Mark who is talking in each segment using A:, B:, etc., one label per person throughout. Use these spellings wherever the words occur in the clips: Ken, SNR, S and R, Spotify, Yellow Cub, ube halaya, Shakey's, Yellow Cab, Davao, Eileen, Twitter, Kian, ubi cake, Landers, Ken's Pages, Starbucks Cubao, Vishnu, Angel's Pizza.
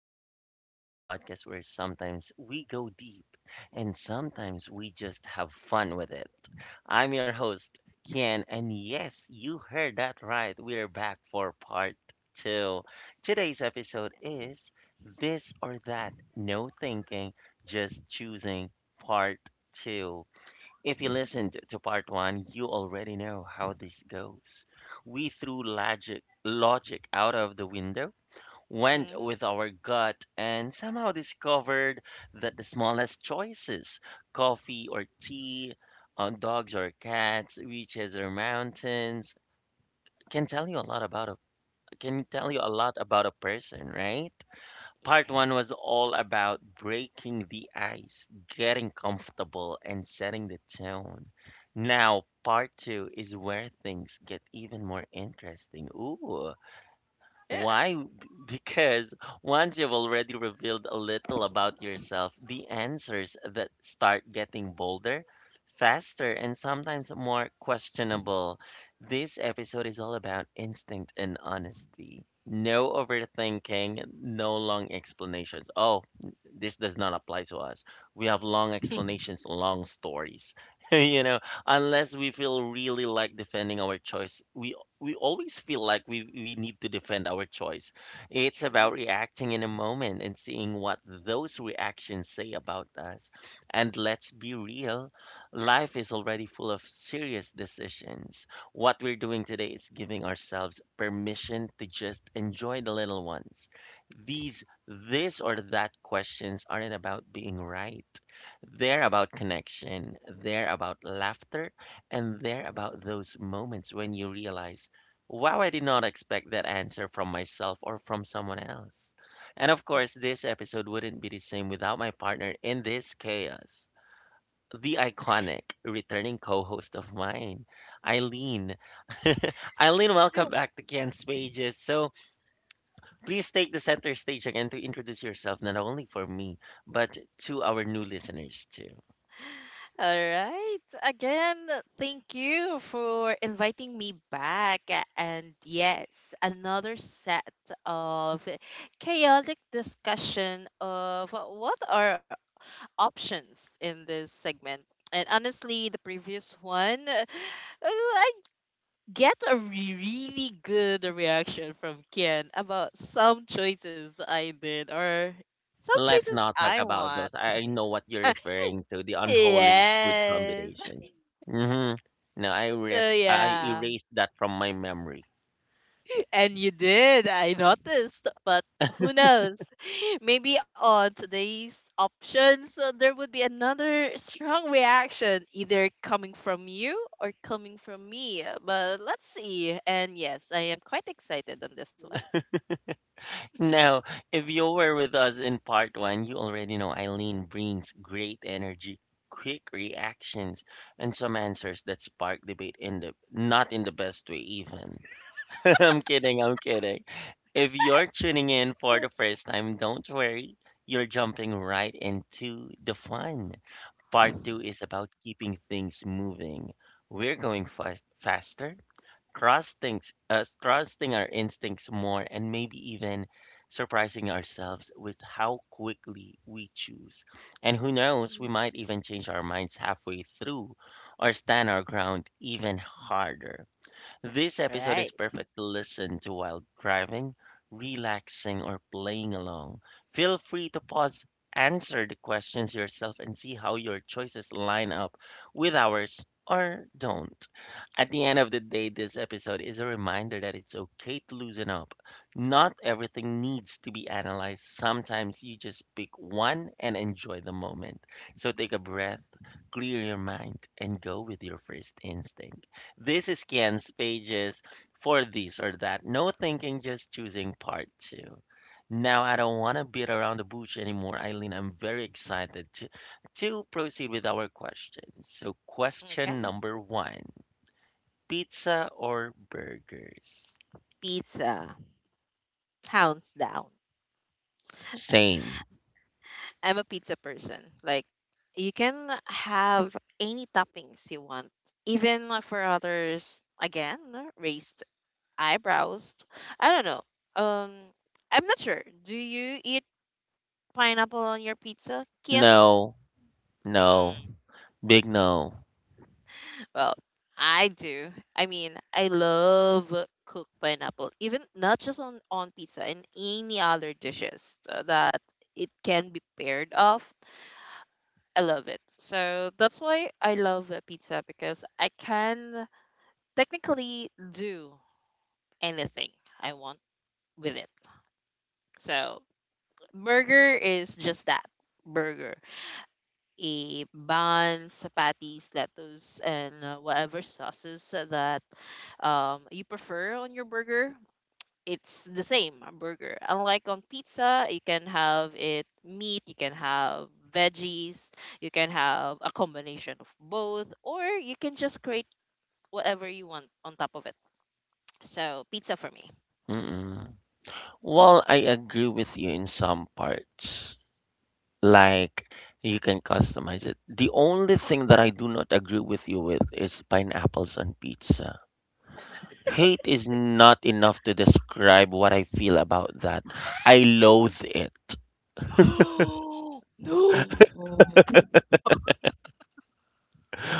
A: to Ken's Pages, the podcast where sometimes we go deep and sometimes we just have fun with it. I'm your host, Ken, and yes, you heard that right. We're back for part two. Today's episode is This or That, No Thinking, Just Choosing, Part Two. If you listened to part one, you already know how this goes. We threw logic out of the window, went
B: Hmm.
A: with our gut, and somehow discovered that the smallest choices, coffee or tea, dogs or cats, beaches or mountains, can tell you a lot about a can tell you a lot about a person, right? Part
B: Yeah.
A: one was all about breaking the ice, getting comfortable, and setting the tone. Now, part two is where things get even more interesting. Ooh,
B: Yeah.
A: why? Because once you've already revealed a little about yourself, the answers that start getting bolder, faster, and sometimes more questionable. This episode is all about instinct and honesty. No overthinking, no long explanations. Oh, this does not apply to us. We have long explanations, long stories. you know, unless we feel really like defending our choice, we always feel like we need to defend our choice. It's about
B: True.
A: reacting in a moment and seeing what those reactions say about us. And let's be real, life is already full of serious decisions. What we're doing today is giving ourselves permission to just enjoy the little ones. These this or that questions aren't about being right. They're about connection, they're about laughter, and they're about those moments when you realize, wow, I did not expect that answer from myself or from someone else. And of course, this episode wouldn't be the same without my partner in this chaos, the iconic returning co host of mine, Eileen. Eileen,
B: Yeah.
A: welcome back to Ken's Pages. So please take the center stage again to introduce yourself, not only for me, but to our new listeners, too.
B: All right. Again, thank you for inviting me back. And yes, another set of chaotic discussion of what are options in this segment. And honestly, the previous one, I get a really good reaction from Ken about some choices I did or some
A: Let's
B: choices
A: not talk
B: I
A: about
B: want.
A: those. I know what you're referring to, the unholy food
B: Yes.
A: combination. Mm-hmm. No,
B: So
A: I
B: yeah.
A: erased that from my memory.
B: And you did. I noticed. But who knows? Maybe on today's options, there would be another strong reaction, either coming from you or coming from me. But let's see. And yes, I am quite excited on this one.
A: Now, if you were with us in part one, you already know Eileen brings great energy, quick reactions, and some answers that spark debate in the not in the best way even. I'm kidding, I'm kidding. If you're tuning in for the first time, don't worry. You're jumping right into the fun. Part two is about keeping things moving. We're going faster, trusting our instincts more, and maybe even surprising ourselves with how quickly we choose. And who knows, we
B: Mhm.
A: might even change our minds halfway through or stand our ground even harder. This episode is
B: Right.
A: perfect to listen to while driving, relaxing, or playing along. Feel free to pause, answer the questions yourself, and see how your choices line up with ours or don't. At the end of the day, this episode is a reminder that it's okay to loosen up. Not everything needs to be analyzed. Sometimes you just pick one and enjoy the moment. So take a breath, clear your mind, and go with your first instinct. This scans pages for this or that. No thinking, just choosing part two. Now I don't want to beat around the bush anymore, Eileen. I'm very excited to proceed with our questions. So, question
B: Okay.
A: number one, pizza or burgers?
B: Pizza. Countdown.
A: Same.
B: I'm a pizza person. Like, you can have any toppings you want, even for others. Again, raised eyebrows. I don't know. Um, I'm not sure. Do you eat pineapple on your pizza, Kian?
A: No, no,
B: Mm.
A: big no.
B: Well, I do. I mean, I love cooked pineapple, even not just on pizza and any other dishes that it can be paired of. I love it. So that's why I love the pizza, because I can technically do anything I want with it. So burger is just that, burger. A buns, patties, lettuce, and whatever sauces that you prefer on your burger. It's the same, a burger. Unlike on pizza, you can have it meat, you can have veggies, you can have a combination of both, or you can just create whatever you want on top of it. So pizza for me.
A: Mm-mm. Well, I agree with you in some parts. Like you can customize it. The only thing that I do not agree with you with is pineapples on pizza. Hate is not enough to describe what I feel about that. I
B: Mm.
A: loathe it.
B: No.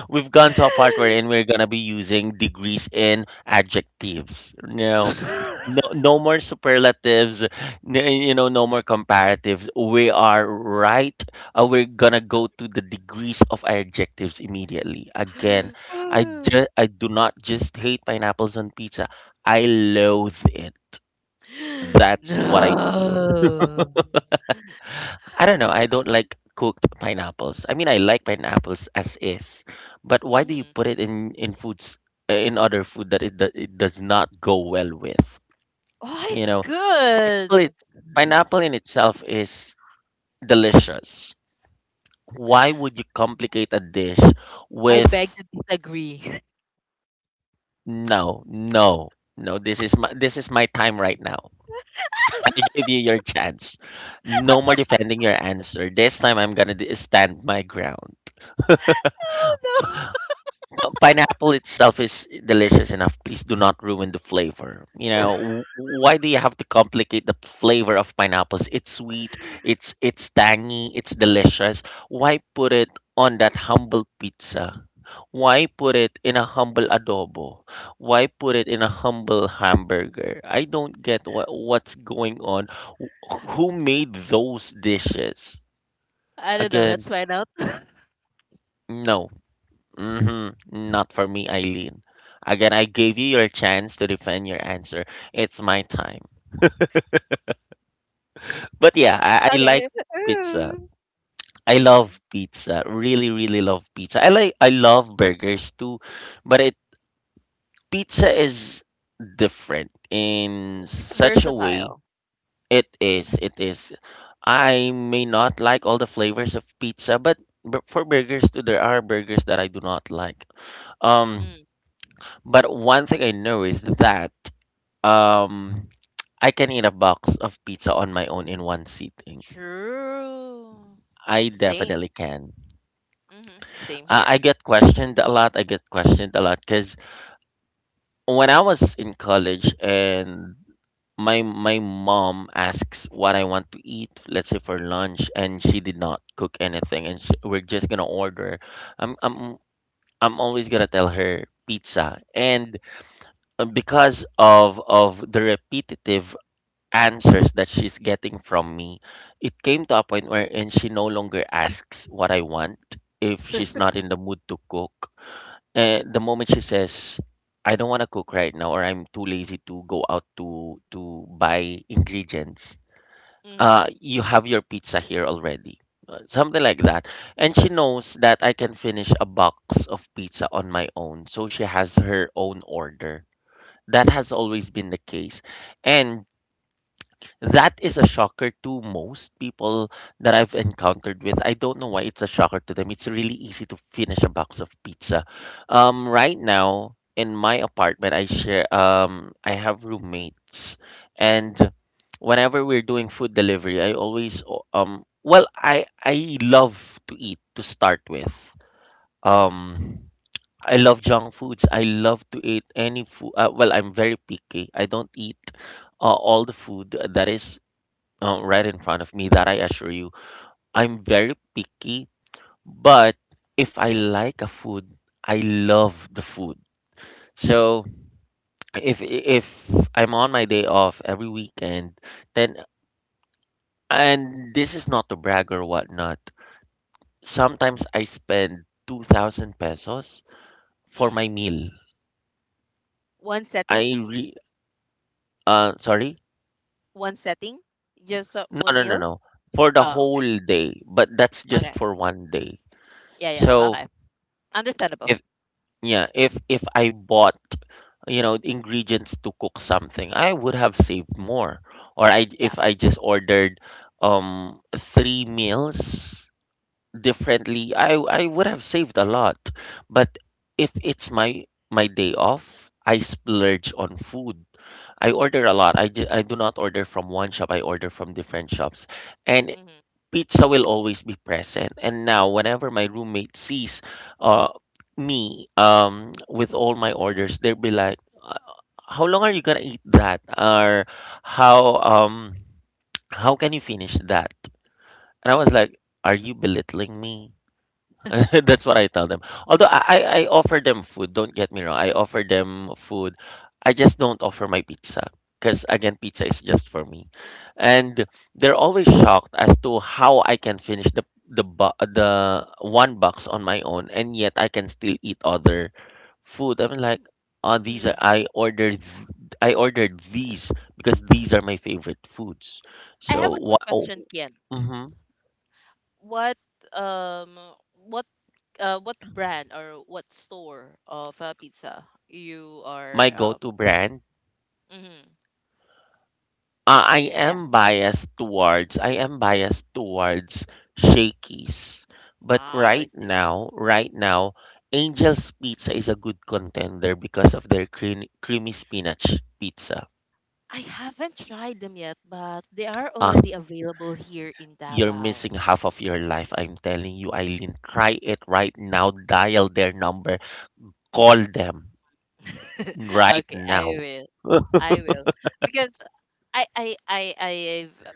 A: We've gone to a part wherein we're gonna be using degrees in adjectives. No, no, no more superlatives. You know, no more comparatives. We are right. We're gonna go to the degrees of adjectives immediately. Again, I do not just hate pineapples on pizza. I loathe it. That's what I feel.
B: No.
A: I don't know. I don't like cooked pineapples. I mean, I like pineapples as is, but why do you
B: Hmm.
A: put it in foods, in other food that it does not go well with?
B: Oh,
A: You
B: it's
A: know, Well,
B: good.
A: it- pineapple in itself is delicious. Why would you complicate a dish
B: I beg
A: with,
B: to disagree.
A: no, no, no? This is my time right now. I give you your chance. No more defending your answer. This time I'm gonna stand my ground.
B: Oh
A: Pineapple itself is delicious enough. Please do not ruin the flavor.
B: no.
A: Why do you have to complicate the flavor of pineapples? It's sweet, it's tangy, it's delicious. Why put it on that humble pizza? Why put it in a humble adobo? Why put it in a humble hamburger? I don't get what's going on. Who made those dishes?
B: I don't know. Let's
A: Again,
B: find out.
A: no. Mm-hmm. Not for me, Eileen. Again, I gave you your chance to defend your answer. It's my time. But
B: Okay.
A: yeah, I like
B: Okay.
A: pizza. I
B: Mm.
A: love pizza. Really, really love pizza. I love burgers too, but it pizza is different in
B: It's
A: such a way.
B: versatile.
A: It is. It is. I may not like all the flavors of pizza, but for burgers too, there are burgers that I do not like. Um,
B: Mm.
A: but one thing I know is that Um, I can eat a box of pizza on my own in one sitting.
B: True.
A: I
B: Same.
A: definitely can.
B: Hmm. Same here.
A: I get questioned a lot. I get questioned a lot because when I was in college and my mom asks what I want to eat, let's say for lunch, and she did not cook anything, and we're just gonna order. I'm I'm I'm always gonna tell her pizza, and because of the repetitive answers that she's getting from me, it came to a point wherein she no longer asks what I want if she's not in the mood to cook. And the moment she says, I don't want to cook right now, or I'm too lazy to go out to buy ingredients,
B: Mm-hmm.
A: you have your pizza here already. Something like that. And she knows that I can finish a box of pizza on my own. So she has her own order. That has always been the case. And that is a shocker to most people that I've encountered with. I don't know why it's a shocker to them. It's really easy to finish a box of pizza. Right now in my apartment, I share, I have roommates,
B: Mm-hmm.
A: and whenever we're doing food delivery, I always well I love to eat to start with.
B: Mm-hmm.
A: Um, I love junk foods. I love to eat any food. Well, I'm very picky. I don't eat all the food that is right in front of me, that I assure you. I'm very picky, but if I like a food, I love the food.
B: Mm-hmm.
A: So if I'm on my day off every weekend, then, and this is not to brag or whatnot. Sometimes I spend 2,000 pesos for
B: Mm.
A: my meal.
B: One
A: I
B: settings,
A: re sorry,
B: one setting, just
A: no
B: one
A: no no
B: meal.
A: no for the
B: Oh, okay.
A: whole day, but that's just
B: Okay.
A: for one day.
B: Yeah, yeah.
A: So
B: Okay. Understandable.
A: if Yeah, if I bought, you know, ingredients to cook something, I would have saved more. Or I
B: Yeah.
A: if I just ordered three meals differently, I would have saved a lot. But if it's my day off, I splurge on food. I order a lot. I do not order from one shop. I order from different shops. And
B: hmm
A: pizza will always be present. And now, whenever my roommate sees uh, me with all my orders, they'll be like, How long are you gonna eat that?" Or, "How um how can you finish that?" And I was like, "Are you belittling me?" That's what I tell them. Although I offer them food, don't get me wrong. I offer them food. I just don't offer my pizza because again, pizza is just for me. And they're always shocked as to how I can finish the one box on my own and yet I can still eat other food. I'm like, oh, these
B: hmm
A: are, I ordered these because these are my favorite foods.
B: I have
A: So
B: a
A: what?
B: quick question, Kian.
A: Mm-hmm,
B: What um what what brand or what store of pizza you
A: my
B: are?
A: go-to brand.
B: Mhm.
A: I
B: Yeah.
A: am biased towards I am biased towards Shakey's. But
B: Ah, I see.
A: right now, Angel's Pizza is a good contender because of their creamy spinach pizza.
B: I haven't tried them yet, but they are
A: Ah,
B: already available here in
A: you're
B: Davao.
A: missing half of your life. I'm telling you, Eileen. Try it right now. Dial their number. Call them right
B: Okay, I
A: now.
B: will. I will. Because I've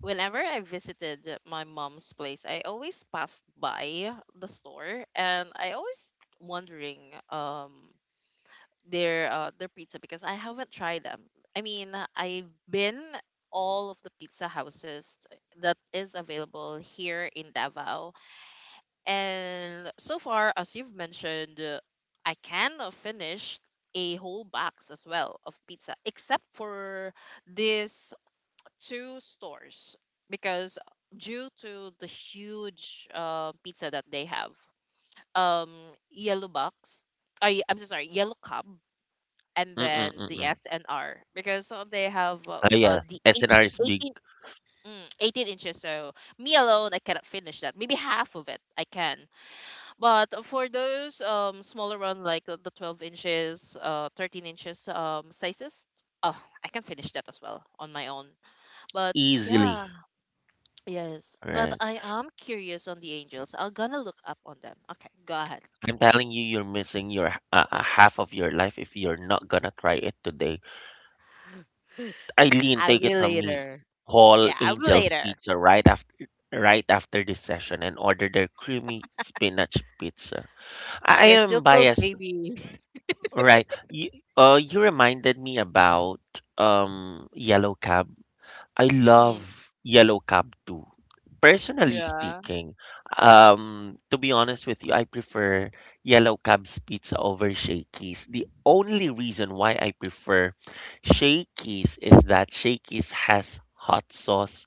B: whenever I visited my mom's place, I always passed by the store and I always wondering their pizza because I haven't tried them. I mean, I've been all of the pizza houses that is available here in Davao, and so far, as you've mentioned, I can finish a whole box as well of pizza, except for these two stores because due to the huge pizza that they have. um, Yellow Box. I'm so sorry, Yellow Cub, and then the
A: Mm-mm-mm.
B: S and R, because they have
A: Oh yeah,
B: the
A: SNR is big
B: eighteen 18 inches, so me alone I cannot finish that, maybe half of it I can. But for those smaller one, like the 12 inches, 13 inches, sizes. Oh, I can finish that as well on my own. But
A: easily.
B: yeah. Yes, but
A: Right.
B: I am curious on the Angel's. I'm gonna look up on them. Okay, go ahead.
A: I'm telling you, you're missing your half of your life if you're not gonna try it today. Eileen,
B: I
A: take it
B: will
A: from me.
B: later.
A: Call
B: Yeah, I will
A: Angel's
B: later.
A: Pizza right after this session and order their creamy spinach pizza. I
B: They're still
A: am
B: close,
A: biased,
B: baby.
A: right? You, you reminded me about Yellow Cab. I love
B: Mm,
A: Yellow Cab too. Personally
B: yeah.
A: speaking, to be honest with you, I prefer Yellow Cab's pizza over Shakey's. The only reason why I prefer Shakey's is that Shakey's has hot sauce.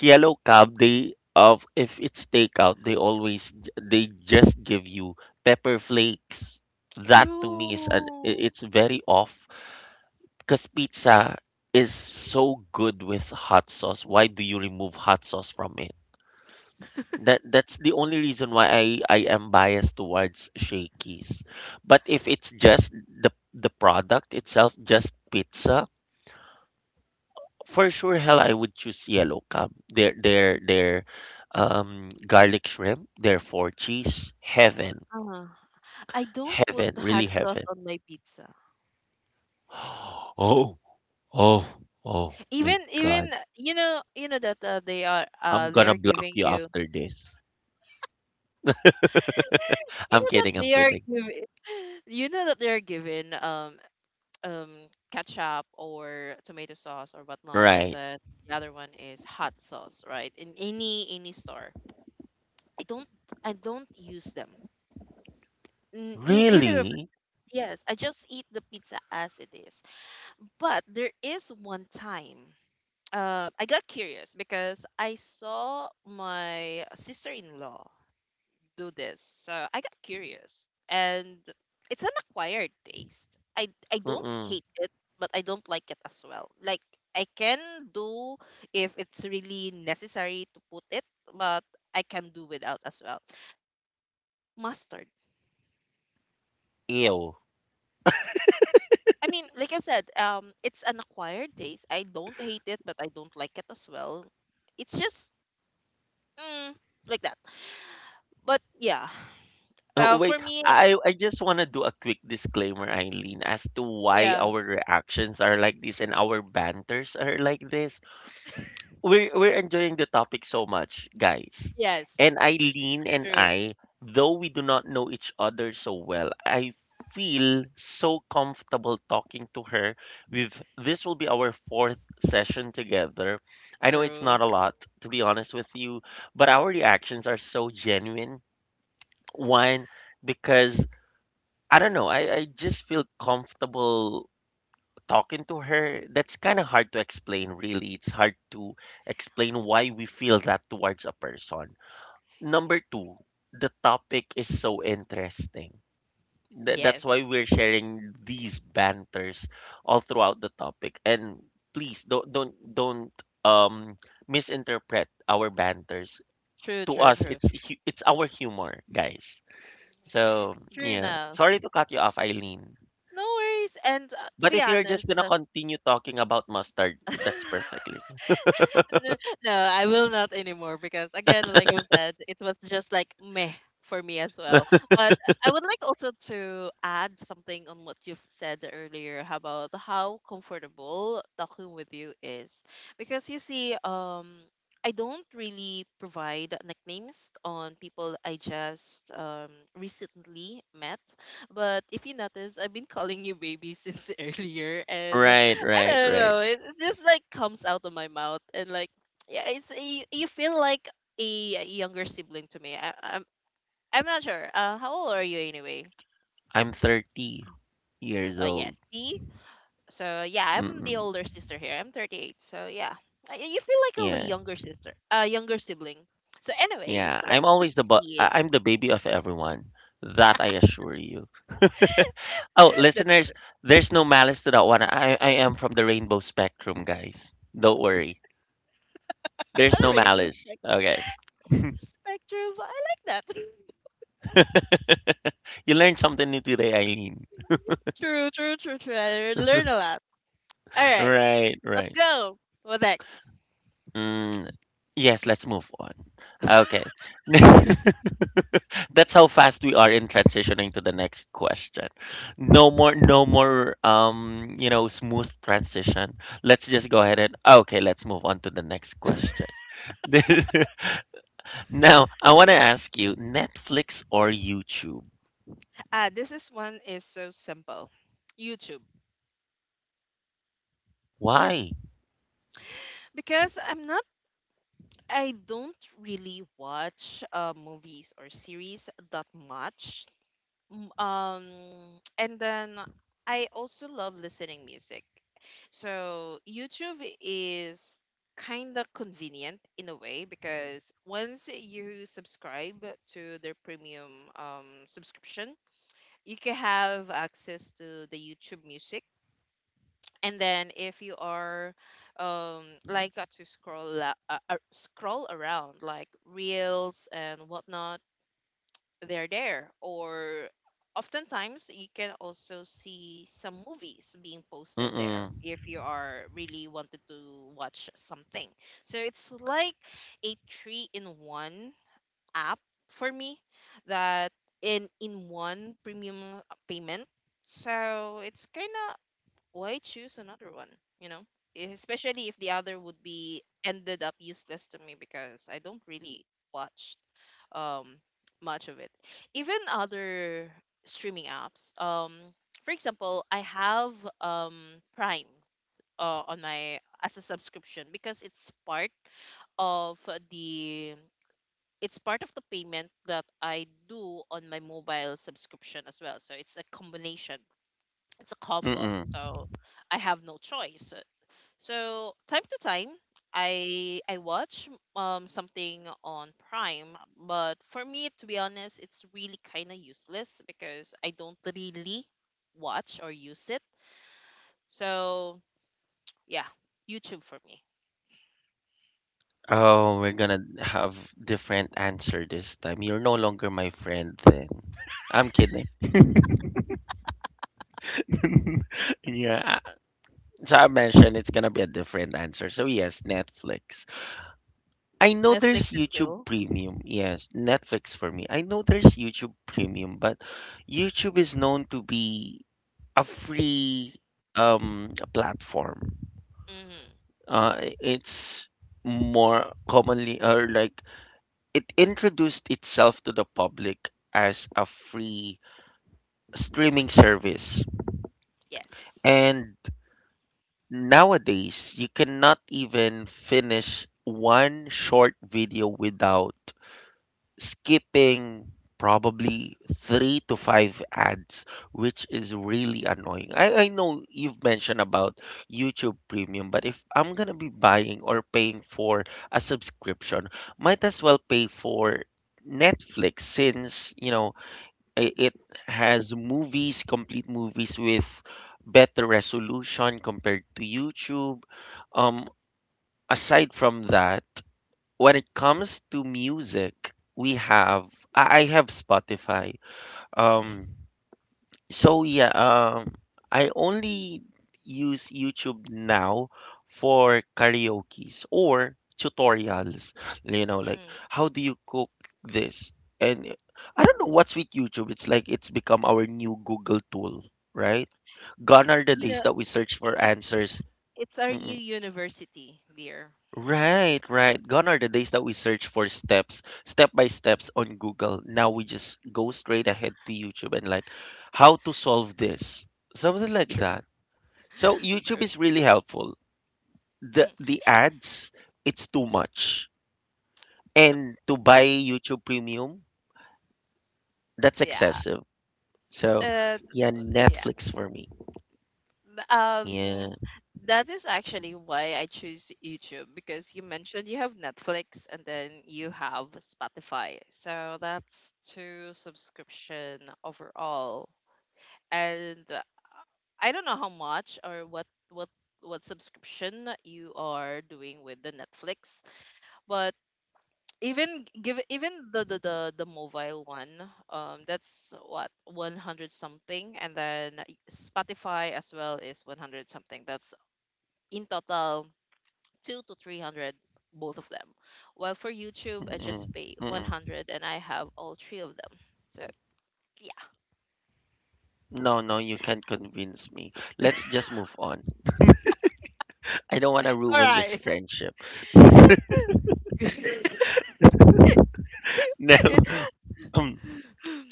A: Yellow Cab, they of if it's takeout, they always they just give you pepper flakes. That to me is
B: True.
A: it's very off because pizza is so good with hot sauce. Why do you remove hot sauce from it? That's the only reason why I am biased towards Shakey's. But if it's just the product itself, just pizza, for sure hell I would choose Yellow Cab. Their garlic shrimp, their four cheese, heaven.
B: Uh, I don't put
A: Heaven,
B: hot
A: really
B: sauce
A: heaven.
B: on my pizza.
A: Oh, oh, oh my
B: Even
A: god.
B: you know that
A: I'm
B: they
A: gonna
B: are
A: block
B: giving
A: you
B: you,
A: after this.
B: you
A: I'm
B: know that
A: kidding, I'm
B: they are
A: kidding.
B: giving you know that they are given um ketchup or tomato sauce or whatnot, and
A: Right.
B: then the other one is hot sauce, right? In any store, I don't I don't use them. Either of.
A: Really?
B: Yes, I just eat the pizza as it is. But there is one time. I got curious because I saw my sister-in-law do this, so I got curious, and it's an acquired taste. I don't
A: Mm-mm.
B: hate it, but I don't like it as well. Like, I can do if it's really necessary to put it, but I can do without as well. Mustard.
A: Ew.
B: I mean, like I said, it's an acquired taste. I don't hate it, but I don't like it as well. It's just, mm, like that. But yeah.
A: Oh,
B: For
A: wait,
B: me.
A: I just want to do a quick disclaimer, Eileen, as to why
B: Yeah,
A: our reactions are like this and our banters are like this. We're enjoying the topic so much, guys.
B: yes,
A: And Eileen and
B: true,
A: I, though we do not know each other so well, I feel so comfortable talking to her. We've this will be our fourth session together. I know it's
B: true,
A: not a lot, to be honest with you, but our reactions are so genuine. One, because I don't know, I just feel comfortable talking to her. That's kind of hard to explain. Really, it's hard to explain why we feel that towards a person. Number two, the topic is so interesting.
B: yes,
A: That's why we're sharing these banters all throughout the topic. And please don't um misinterpret our banters.
B: true,
A: To
B: true,
A: us
B: true,
A: it's our humor, guys. So
B: true
A: yeah,
B: enough.
A: sorry to cut you off, Eileen.
B: No worries. And to
A: But
B: be
A: if you're just
B: honest,
A: gonna continue talking about mustard, that's perfectly fine.
B: N- No, I will not anymore because again, like I said, it was just like meh for me as well. But I would like also to add something on what you've said earlier about how comfortable talking with you is. Because you see, I don't really provide nicknames on people I just recently met. But if you notice, I've been calling you baby since earlier, and
A: Right,
B: I
A: right,
B: don't
A: right.
B: know, it just like comes out of my mouth, and like, yeah, you feel like a younger sibling to me. I'm not sure. How old are you anyway?
A: I'm 30 years old.
B: Yes. See, so yeah, I'm the
A: Mm-mm.
B: older sister here. I'm 38, so yeah, you feel like a
A: Yeah,
B: younger sister, a younger sibling. So, anyways,
A: yeah.
B: so
A: I'm
B: let's
A: always
B: proceed.
A: I'm the baby of everyone. That I assure you. Oh,
B: That's
A: listeners, there's no malice to that one. I am from the rainbow spectrum, guys. Don't worry.
B: a
A: There's no
B: rainbow
A: malice. Okay.
B: spectrum. I like that.
A: You learned something new today, Eileen.
B: True, true, true, true. I learn a lot. All right,
A: Right,
B: let's
A: right.
B: go. What next?
A: Mm, yes, let's move on. Okay. That's how fast we are in transitioning to the next question. No more, no more, you know, smooth transition. Let's just go ahead and, okay, let's move on to the next question. Now, I want to ask you, Netflix or YouTube?
B: Ah, this is one is so simple. YouTube.
A: Why?
B: Because I don't really watch movies or series that much. M- Um and then I also love listening music. So YouTube is kind of convenient in a way, because once you subscribe to their premium subscription, you can have access to the YouTube music. And then if you are like to scroll around like reels and whatnot, they're there. Or oftentimes you can also see some movies being posted there
A: Mm-mm.
B: if you are really wanted to watch something. So it's like a three in one app for me, that in one premium payment. So it's kind of, why choose another one, you know? Especially if the other would be ended up useless to me, because I don't really watch um much of it. Even other streaming apps. For example, I have Prime on my as a subscription, because it's part of the it's part of the payment that I do on my mobile subscription as well. So it's a combination, it's a combo.
A: Mm-mm.
B: So I have no choice. So time to time, I watch something on Prime, but for me, to be honest, it's really kind of useless, because I don't really watch or use it. So yeah, YouTube for me.
A: Oh, we're gonna have different answer this time. You're no longer my friend then. I'm kidding. yeah. So I mentioned it's gonna be a different answer. So yes, Netflix. I know
B: Netflix
A: there's
B: and
A: YouTube
B: chill.
A: Premium. Yes, Netflix for me. I know there's YouTube Premium, but YouTube is known to be a free platform.
B: Mm-hmm.
A: It's more commonly or like it introduced itself to the public as a free streaming service.
B: Yes.
A: And Nowadays, you cannot even finish one short video without skipping probably three to five ads, which is really annoying. I know you've mentioned about YouTube Premium, but if I'm gonna be buying or paying for a subscription, might as well pay for Netflix since, you know, it has movies, complete movies with better resolution compared to YouTube. Um, aside from that, when it comes to music, we have I have Spotify.
B: Mm-hmm.
A: Um, so yeah, I only use YouTube now for karaoke's or tutorials. You know, like
B: Mm-hmm.
A: how do you cook this? And I don't know what's with YouTube. It's like it's become our new Google tool, right? Gone are the
B: You
A: days
B: know,
A: that we search
B: it,
A: for
B: it's
A: answers.
B: It's our new
A: Mm-mm.
B: university, dear.
A: Right, right. Gone are the days that we search for steps, step by steps on Google. Now we just go straight ahead to YouTube and like how to solve this. Something like
B: True.
A: that. So YouTube
B: True.
A: is really helpful. The
B: Mhm.
A: the ads, it's too much. And to buy YouTube Premium, that's
B: Yeah.
A: excessive. So
B: Uh,
A: yeah,
B: yeah.
A: Netflix for me.
B: th-
A: Yeah.
B: Um, that is actually why I choose YouTube, because you mentioned you have Netflix and then you have Spotify. So that's two subscription overall. And I don't know how much or what subscription you are doing with the Netflix, but even give even the mobile one, that's what, 100 something, and then Spotify as well is 100 something. That's in total 2 to 300, both of them, while for YouTube I
A: Mm-mm.
B: just pay
A: Mm-mm.
B: 100 and I have all three of them. So yeah.
A: No, you can't convince me. Let's just move on. I don't want to
B: All
A: ruin this
B: right.
A: friendship. No. Um,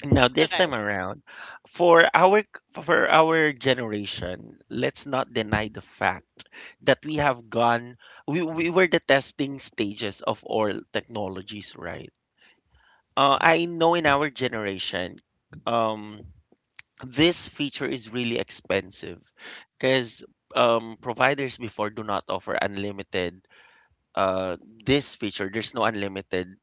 A: now this
B: Okay.
A: time around, for our for our generation, let's not deny the fact that we have gone we were the testing stages of all technologies, right? I know in our generation, um, this feature is really expensive because providers before do not offer unlimited uh, this feature. There's no unlimited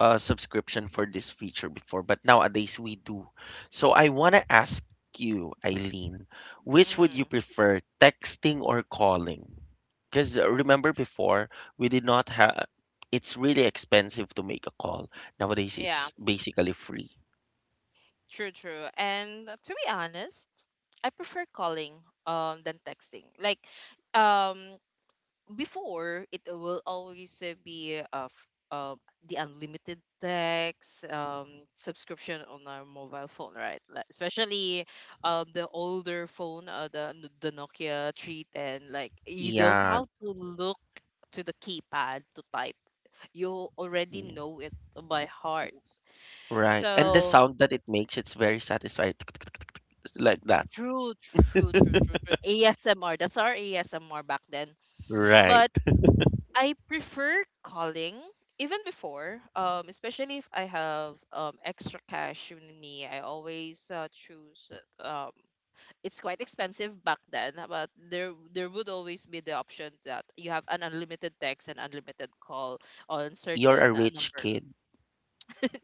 A: subscription for this feature before, but nowadays we do. So I want to ask you, Eileen, which would you
B: Mm,
A: prefer, texting or calling? Because remember before, we did not have, it's really expensive to make a call. Nowadays,
B: yeah.
A: it's basically free.
B: True, true. And to be honest, I prefer calling than texting. Like, um before, it will always be of uh, the unlimited text subscription on our mobile phone, right? Like, especially the older phone, the Nokia 310. Like, you don't
A: Yeah,
B: have to look to the keypad to type. You already
A: mm,
B: know it by heart.
A: right. And the
B: So
A: sound that it makes, it's very satisfying. It's like that.
B: true, true, true, true, true. ASMR. That's our ASMR back then.
A: Right.
B: But I prefer calling even before, especially if I have extra cash with me. I always choose. uh, Um, it's quite expensive back then, but there would always be the option that you have an unlimited text and unlimited call on
A: You're a
B: certain
A: rich
B: numbers.
A: kid.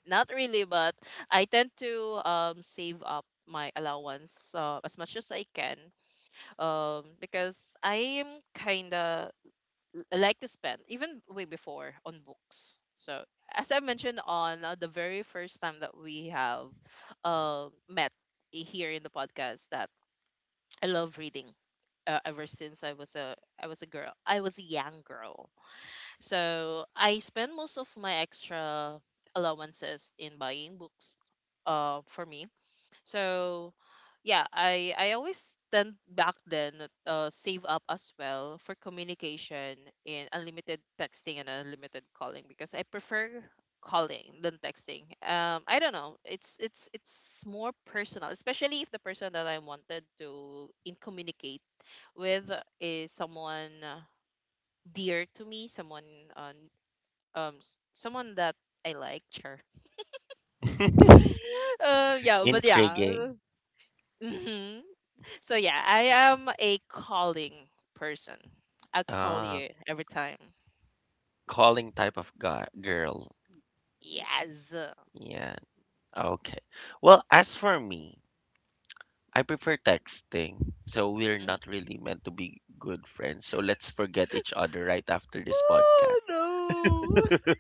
B: Not really, but I tend to save up my allowance as much as I can, because I am kinda like to spend even way before on books. So as I mentioned on the very first time that we have met here in the podcast, that I love reading. Ever since I was a, I was a girl, I was a young girl. So I spend most of my extra allowances in buying books. For me. So, yeah, I always tend back then, save up as well for communication in unlimited texting and unlimited calling, because I prefer calling than texting. I don't know. It's more personal, especially if the person that I wanted to in communicate with is someone dear to me, on someone that I like. Sure. Yeah, but yeah.
A: Intriguing.
B: So yeah, I am a calling person. I call
A: Ah,
B: you every time.
A: calling type of guy, girl.
B: Yes.
A: Yeah. Okay. Well, as for me, I prefer texting. So we're
B: Mhm.
A: not really meant to be good friends. So let's forget each other right after this
B: Oh
A: podcast.
B: no.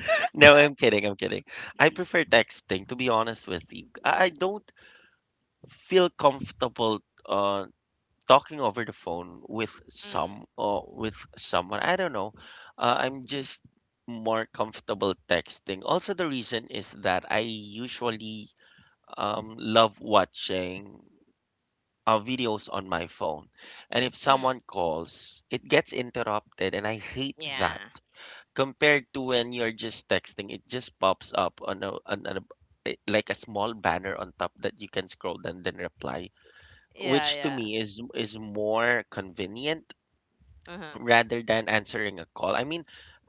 A: No, I'm kidding. I'm kidding. I prefer texting, to be honest with you. I don't feel comfortable uh talking over the phone with
B: mm,
A: some or with someone. I don't know. I'm just more comfortable texting. Also, the reason is that I usually love watching videos on my phone. And if
B: mm.
A: someone calls, it gets interrupted, and I hate that
B: Yeah.
A: compared to when you're just texting. It just pops up on on a like a small banner on top that you can scroll and then reply,
B: Yeah,
A: which to
B: yeah.
A: me is more convenient
B: Uh-huh.
A: rather than answering a call. I mean,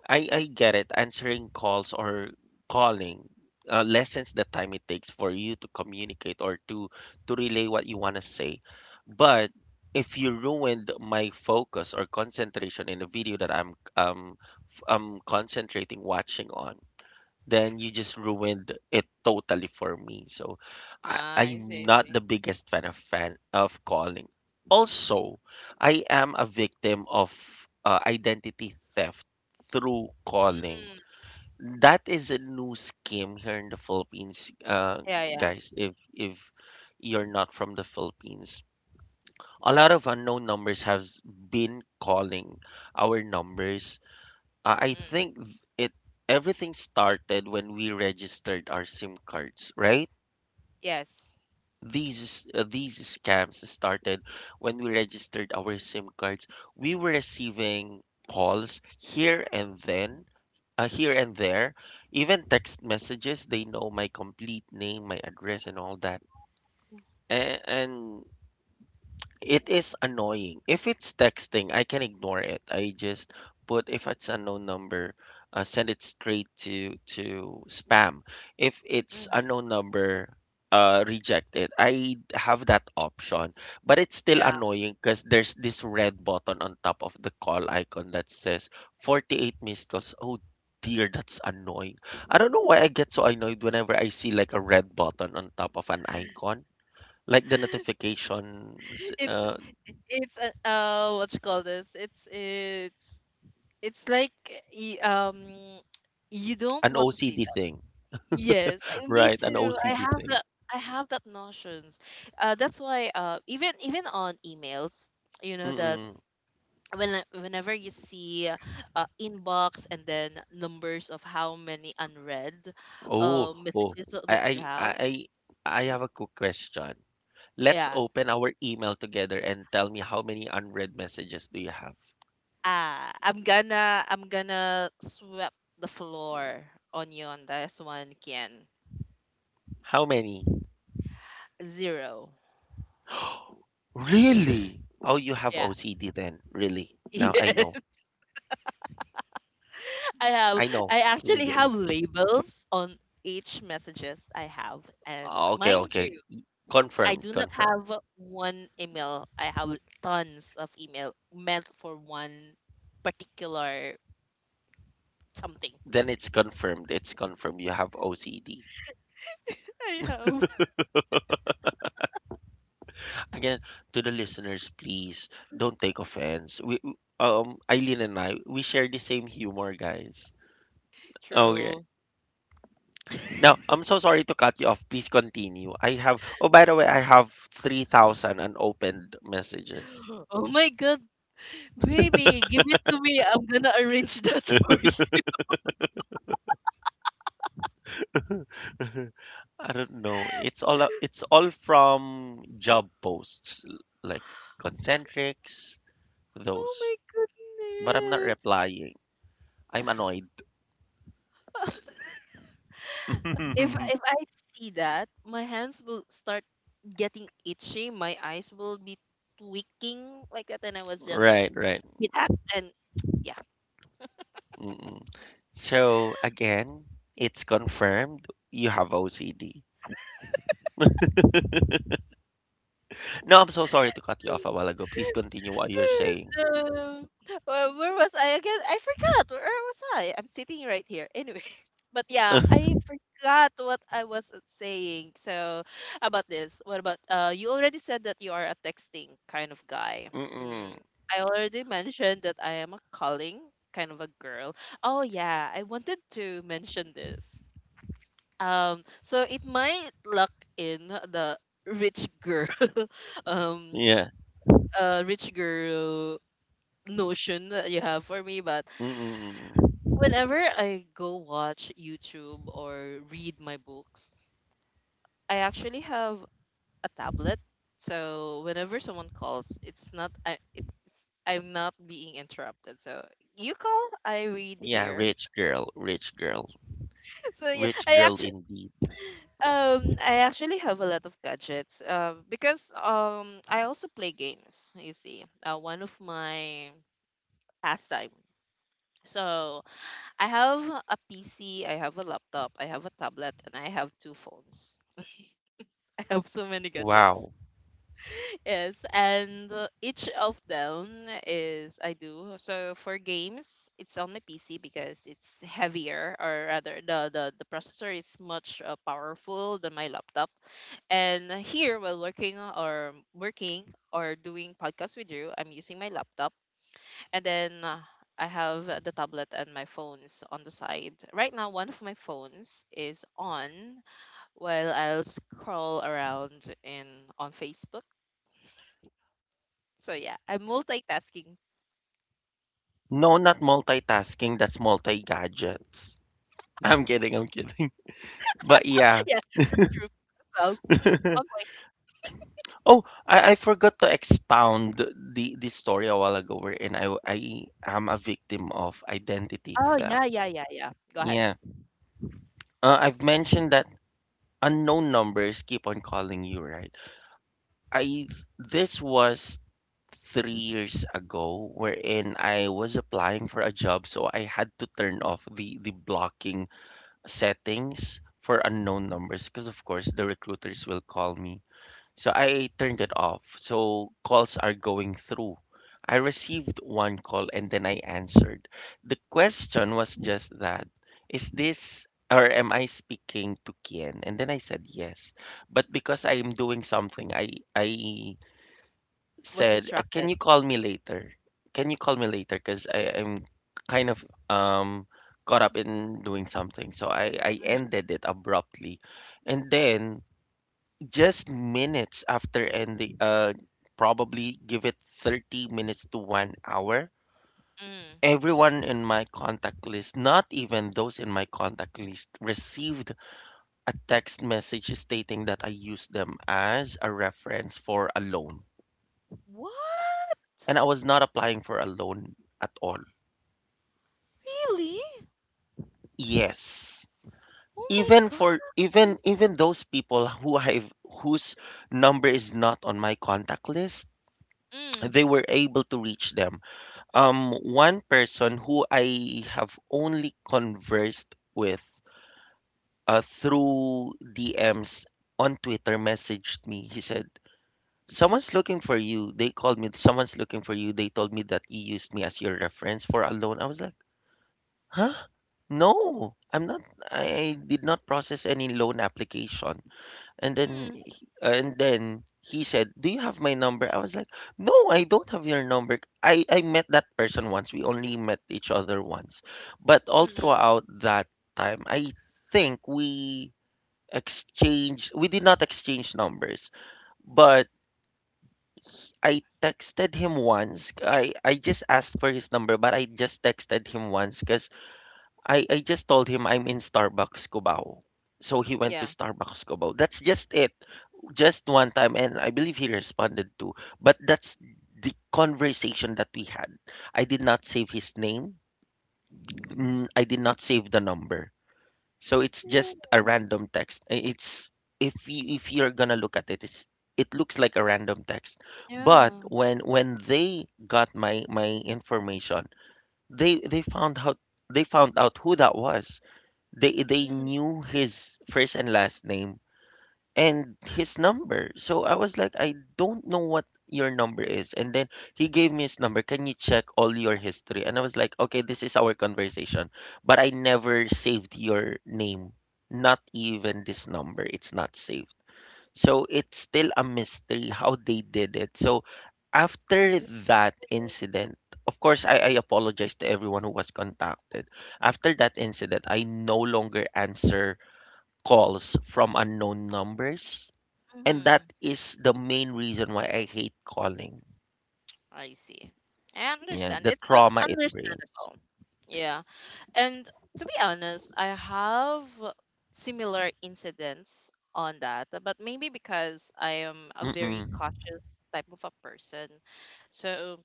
A: I get it. Answering calls or calling lessens the time it takes for you to communicate or to relay what you want to say. But if you ruined my focus or concentration in a video that I'm concentrating watching on, then you just ruined it totally for me. So I,
B: Ah, I
A: I'm
B: see, I
A: not the
B: see.
A: biggest fan of calling. Also, I am a victim of identity theft through calling.
B: Mm.
A: That is a new scheme here in the Philippines,
B: Yeah, yeah.
A: guys. If you're not from the Philippines, a lot of unknown numbers have been calling our numbers I
B: Mm.
A: think it everything started when we registered our SIM cards, right?
B: Yes.
A: These scams started when we registered our SIM cards. We were receiving calls here and then, here and there, even text messages. They know my complete name, my address, and all that. And It is annoying. If it's texting, I can ignore it. I just put if it's unknown number, send it straight to spam. If it's
B: Mm.
A: unknown number, reject it. I have that option, but it's still
B: Yeah.
A: annoying because there's this red button on top of the call icon that says 48 missed calls. Oh dear, that's annoying. I don't know why I get so annoyed whenever I see like a red button on top of an icon like
B: It's a oh, what you call this? It's it's like y- um you don't
A: an
B: want to see it.
A: OCD thing,
B: Yes, me
A: right? An
B: too. I
A: OCD
B: have
A: thing.
B: that. I have that notions. That's why. Even on emails, you know that
A: Mm-mm.
B: whenever you see inbox and then numbers of how many unread
A: Oh, oh.
B: messages that
A: I,
B: you
A: I,
B: have.
A: I, I I have a quick question. Let's
B: Yeah.
A: open our email together and tell me how many unread messages do you have?
B: Ah, I'm gonna sweep the floor on you on this one, Kian.
A: How many?
B: Zero.
A: Really? Oh, you have
B: Yeah.
A: OCD then. Really? Now I know.
B: I have
A: I know
B: I actually have
A: immediately.
B: labels on each messages I have, and
A: Okay,
B: mind
A: okay.
B: you, I
A: Confirmed,
B: do not
A: confirmed.
B: have one email. I have tons of email meant for one particular something.
A: Then it's confirmed. It's confirmed. You have OCD.
B: I have
A: again, to the listeners, please don't take offense. Eileen and I, we share the same humor, guys. Okay.
B: true.
A: Now I'm so sorry to cut you off. Please continue. I have, oh by the way, I have 3,000 unopened messages.
B: Oh my god, baby, give it to me. I'm gonna arrange that for you.
A: I don't know, it's all from job posts, like concentrics
B: Oh
A: those,
B: my
A: but I'm not
B: goodness.
A: replying. I'm annoyed.
B: if I see that, my hands will start getting itchy. My eyes will be tweaking like that, and I was just like,
A: right right
B: get out and yeah.
A: Mm-mm. So again, it's confirmed you have OCD. No, I'm so sorry to cut you off a while ago. Please continue what you're saying.
B: Um, where was I again? I forgot. Where was I? I'm sitting right here. Anyway, but yeah, I forgot what I was saying. So about this, what about? You already said that you are a texting kind of guy.
A: Mm-mm.
B: Mm, I already mentioned that I am a calling kind of a girl. Oh yeah, I wanted to mention this. So it might lock in the rich girl, um,
A: Yeah.
B: rich girl notion that you have for me, but
A: Mm-mm.
B: whenever I go watch YouTube or read my books, I actually have a tablet. So whenever someone calls, it's not I it's I'm not being interrupted. So you call, I read
A: Yeah,
B: here. so yeah,
A: rich
B: I
A: girl
B: actually
A: indeed.
B: have a lot of gadgets because I also play games, you see. One of my pastime. So I have a PC, I have a laptop, I have a tablet, and I have two phones. I have so many gadgets.
A: Wow.
B: Yes, and each of them is I do. So for games, it's on my PC because it's heavier, or rather, the processor is much powerful than my laptop. And here, while working or doing podcast with you, I'm using my laptop, and then I have the tablet and my phones on the side. Right now, one of my phones is on while I'll scroll around in on Facebook. So yeah, I'm multitasking.
A: No, not multitasking, that's multi gadgets. I'm kidding, I'm kidding. But yeah.
B: yeah, true. Well, mm, on point.
A: Oh, I forgot to expound the story a while ago wherein I am a victim of identity
B: Oh yeah,
A: theft.
B: yeah, yeah, yeah. Go ahead.
A: Yeah. I've mentioned that unknown numbers keep on calling you, right? I this was 3 years ago wherein I was applying for a job, so I had to turn off the blocking settings for unknown numbers because of course the recruiters will call me. So I turned it off. So calls are going through. I received one call and then I answered. The question was just that, is this or am I speaking to Kien? And then I said yes. But because I am doing something, I
B: Was
A: said, Can
B: distracted.
A: you call me later? Can you call me later? Because I am kind of caught up in doing something." So I
B: Mm,
A: ended it abruptly. And then just minutes after ending, probably give it 30 minutes to 1 hour.
B: mm.
A: Everyone in my contact list, not even those in my contact list, received a text message stating that I used them as a reference for a loan.
B: What?
A: And I was not applying for a loan at all.
B: Really?
A: Yes.
B: Oh my
A: Even
B: god.
A: for even even those people whose number is not on my contact list,
B: Mm,
A: they were able to reach them. One person who I have only conversed with through DMs on Twitter messaged me. He said, "Someone's looking for you. They called me, someone's looking for you. They told me that you used me as your reference for a loan." I was like, "Huh? No, I'm not. I did not process any loan application." And then
B: mm,
A: he, and then he said, "Do you have my number?" I was like, "No, I don't have your number. I met that person once. We only met each other once." But
B: mm,
A: all
B: mm.
A: throughout that time, I think we exchanged we did not exchange numbers, but I texted him once. I just asked for his number, but I just texted him once because I just told him I'm in Starbucks Cubao. So he went to
B: Yeah.
A: Starbucks Cubao. That's just it. Just one time and I believe he responded to. But that's the conversation that we had. I did not save his name. I did not save the number. So it's
B: Ooh.
A: just a random text. It's, if you're gonna look at it, it's, it looks like a random text. But
B: Yeah.
A: when they got my information, they found out. They found out who that was. They
B: Mm-hmm.
A: knew his first and last name and his number. So I was like, "I don't know what your number is." And then he gave me his number. "Can you check all your history?" And I was like, "Okay, this is our conversation, but I never saved your name. Not even this number. It's not saved." So it's still a mystery how they did it. So after that incident, of course, I apologize to everyone who was contacted. After that incident, I no longer answer calls from unknown numbers. And
B: Mm-hmm.
A: that is the main reason why I hate calling.
B: I see. I
A: Yeah,
B: understand.
A: the
B: It's
A: trauma it brings.
B: understandable. Yeah. And to be honest, I have similar incidents on that, but maybe because I am a very
A: Mm-mm.
B: cautious type of a person. So,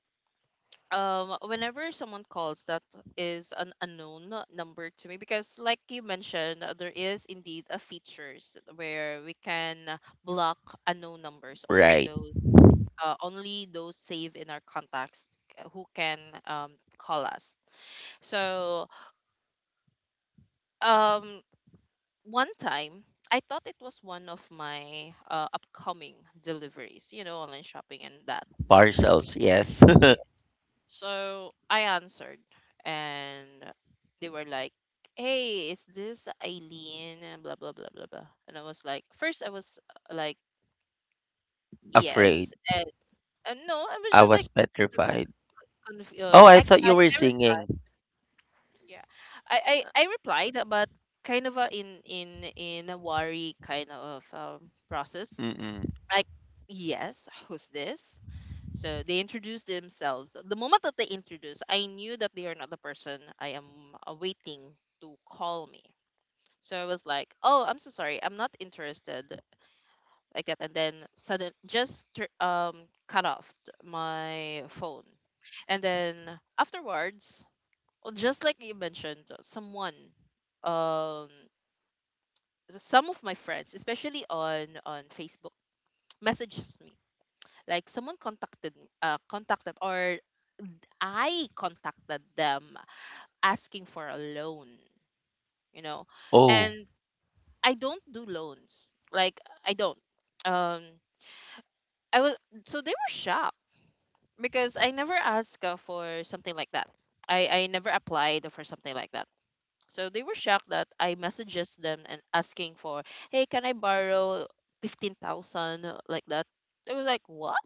B: whenever someone calls, that is an unknown number to me because, like you mentioned, there is indeed a features where we can block unknown numbers, only
A: Right.
B: those saved in our contacts, who can call us. So um, one time, I thought it was one of my upcoming deliveries, you know, online shopping and that.
A: Parcels, yes.
B: Yeah. So I answered, and they were like, "Hey, is this Eileen?" And blah blah blah blah blah. And I was like, first I was like,
A: Afraid.
B: "Yes," and no, I was
A: I
B: just like,
A: was petrified. Oh,
B: yeah,
A: I thought
B: I
A: you were singing.
B: Yeah. I replied, but kind of a in a worry kind of process.
A: Mm-mm.
B: Like yes, who's this? So they introduced themselves. The moment that they introduced, I knew that they are not the person I am awaiting to call me. So I was like, "Oh, I'm so sorry. I'm not interested." Like that, and then sudden just cut off my phone. And then afterwards, well, just like you mentioned, someone, um, some of my friends, especially on Facebook, messages me. Like someone contacted, contacted, or I contacted them asking for a loan. You know,
A: Oh.
B: and I don't do loans. Like I don't. Um, I was so they were shocked because I never asked for something like that. I never applied for something like that. So they were shocked that I messages them and asking for, "Hey, can I borrow 15,000, like that?" They was like, "What?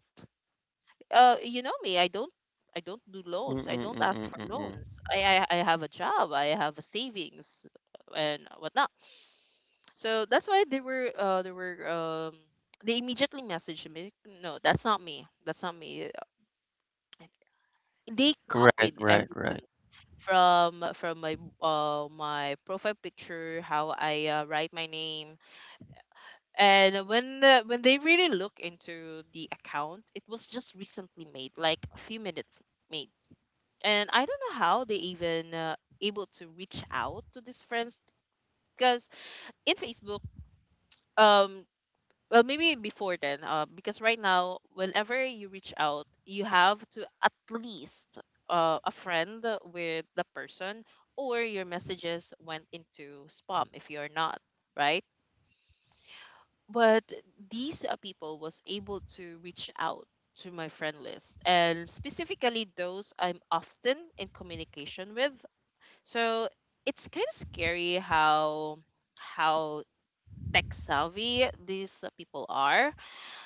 B: You know me. I don't do loans. I don't ask for
A: Mm-mm-mm-mm-mm.
B: loans. I have a job. I have a savings and whatnot." So that's why they were they immediately messaged me. No, that's not me. That's not me. They
A: Right,
B: copied
A: right, right.
B: everything, from my my profile picture, how I write my name. And when when they really look into the account, it was just recently made, like a few minutes made. And I don't know how they even able to reach out to these friends, because in Facebook, um well, maybe before then, because right now, whenever you reach out, you have to at least a friend with the person, or your messages went into spam if you're not right. But these people was able to reach out to my friend list, and specifically those I'm often in communication with. So it's kind of scary how how tech savvy these people are.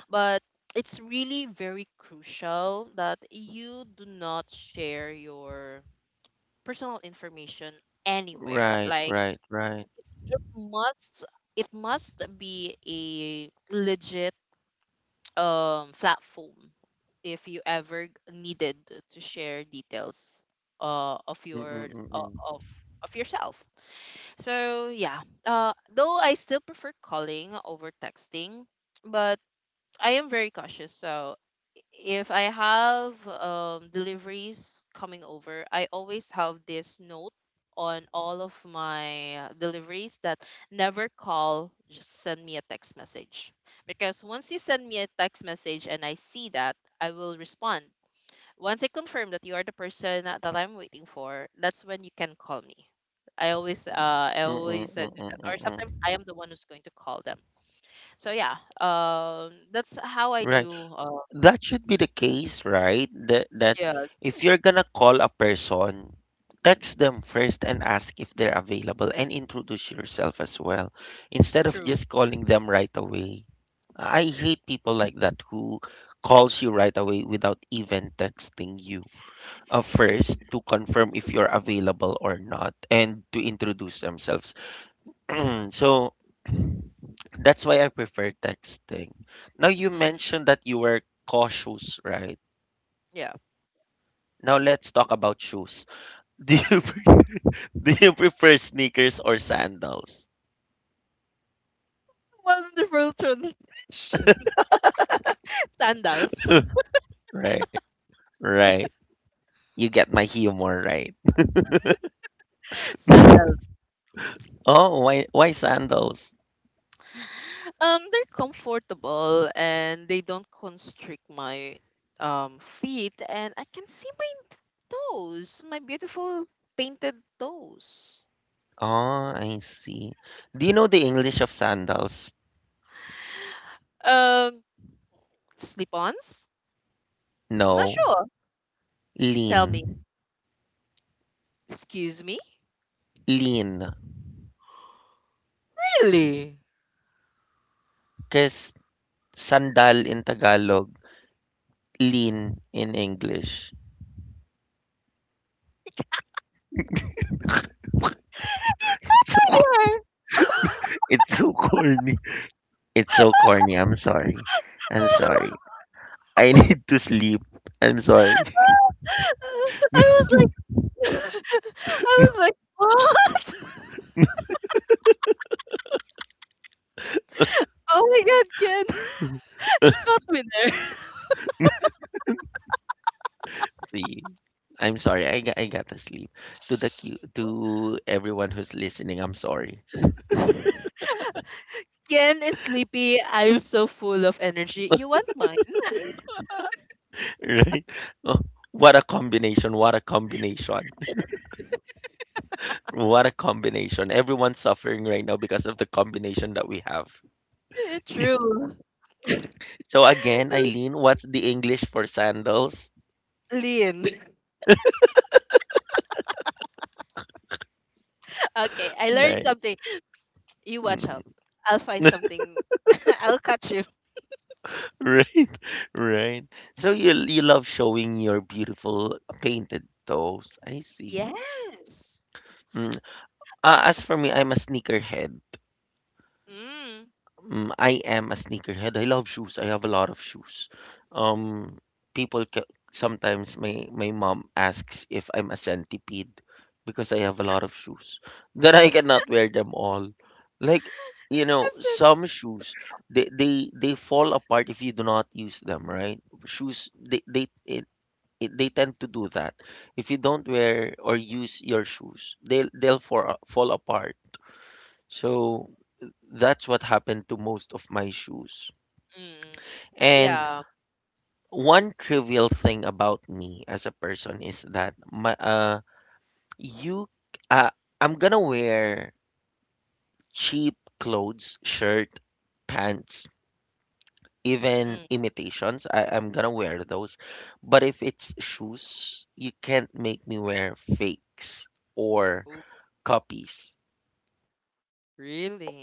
B: But it's really very crucial that you do not share your personal information anywhere.
A: Right,
B: Like
A: right, right.
B: it must it must be a legit platform if you ever needed to share details of your
A: Mm-mm-mm-mm.
B: of yourself. So yeah, though I still prefer calling over texting, but I am very cautious. So if I have deliveries coming over, I always have this note on all of my deliveries that never call, just send me a text message. Because once you send me a text message and I see that, I will respond. Once I confirm that you are the person that I'm waiting for, that's when you can call me. I always do that. Or
A: Mm-mm-mm-mm-mm.
B: sometimes I am the one who's going to call them. So yeah, that's how I
A: Right.
B: do.
A: That should be the case, right? That
B: Yeah, it's
A: if you're gonna call a person, text them first and ask if they're available and introduce yourself as well, instead of
B: true.
A: just calling them right away. I hate people like that who calls you right away without even texting you.
B: It,
A: First to confirm if you're available or not and to introduce themselves. So that's why I prefer texting. Now you
B: mhm,
A: mentioned that you were cautious, right?
B: yeah.
A: Now let's talk about shoes. Do you pre- do you prefer sneakers or sandals?
B: Wonderful transition. Sandals,
A: Right. Right. You get my humor right.
B: sandals.
A: Oh, why sandals?
B: They're comfortable, and they don't constrict my feet, and I can see my toes, my beautiful painted toes.
A: Oh, I see. Do you know the English of sandals?
B: Um, Slip-ons? I'm not
A: No.
B: sure.
A: Lean.
B: Tell me. Excuse me.
A: Lean.
B: Really?
A: Because sandal in Tagalog, lean in English.
B: It got
A: So
B: to there.
A: it's so corny. It's so corny. I'm sorry. I'm sorry. I need to sleep. I'm sorry.
B: I was like, I was like, what? Oh my god, Ken, you caught me
A: See, I'm sorry. I got to sleep. To the cu- to everyone who's listening, I'm sorry.
B: there. Ken is sleepy. I'm so full of energy. You want mine?
A: Right? Oh, what a combination. What a combination. What a combination. Everyone's suffering right now because of the combination that we have.
B: True.
A: So again, Eileen, what's the English for sandals?
B: Lean. Okay, I learned
A: Right.
B: something. You watch out.
A: Mm.
B: I'll find something. I'll catch you.
A: Right, right. So you love showing your beautiful painted toes. I see.
B: Yes.
A: Mm. As for me, I'm a sneakerhead.
B: Mm.
A: Mm, I am a sneakerhead. I love shoes. I have a lot of shoes. Um, sometimes my mom asks if I'm a centipede because I have a lot of shoes. That I cannot wear them all. Like,
B: I said,
A: some shoes they fall apart if you do not use them, right? shoes they it, they tend to do that. If you don't wear or use your shoes, they'll fall apart. So that's what happened to most of my shoes.
B: mm.
A: And
B: Yeah.
A: one trivial thing about me as a person is that my you uh, I'm gonna wear cheap clothes, shirt, pants, even
B: Mm.
A: imitations. I'm gonna wear those. But if it's shoes, you can't make me wear fakes or
B: Ooh,
A: copies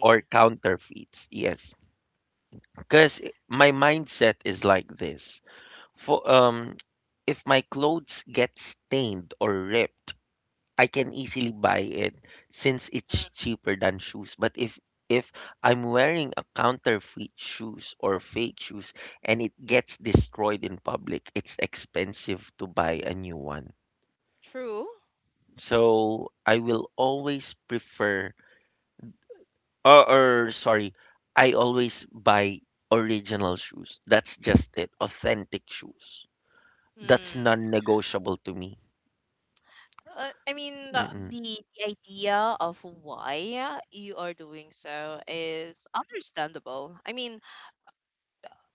A: or counterfeits. Yes, because my mindset is like this. For if my clothes get stained or ripped, I can easily buy it since it's
B: Mm.
A: cheaper than shoes. But if I'm wearing a counterfeit shoes or fake shoes and it gets destroyed in public, it's expensive to buy a new one.
B: True.
A: So I will always prefer. Or, or sorry, I always buy original shoes. That's just it. Authentic shoes. That's
B: Hmm.
A: non-negotiable to me.
B: I mean,
A: Mm-mm.
B: the idea of why you are doing so is understandable. I mean,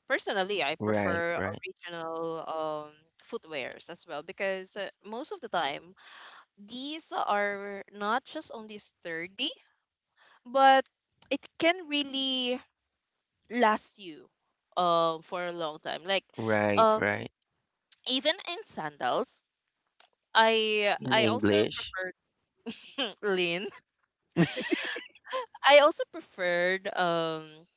B: personally, I
A: Right,
B: prefer
A: right,
B: original footwears as well, because most of the time, these are not just only sturdy, but it can really last you for a long time. Like
A: right,
B: um
A: right.
B: even in sandals,
A: In
B: I also
A: English.
B: prefer lean. I also preferred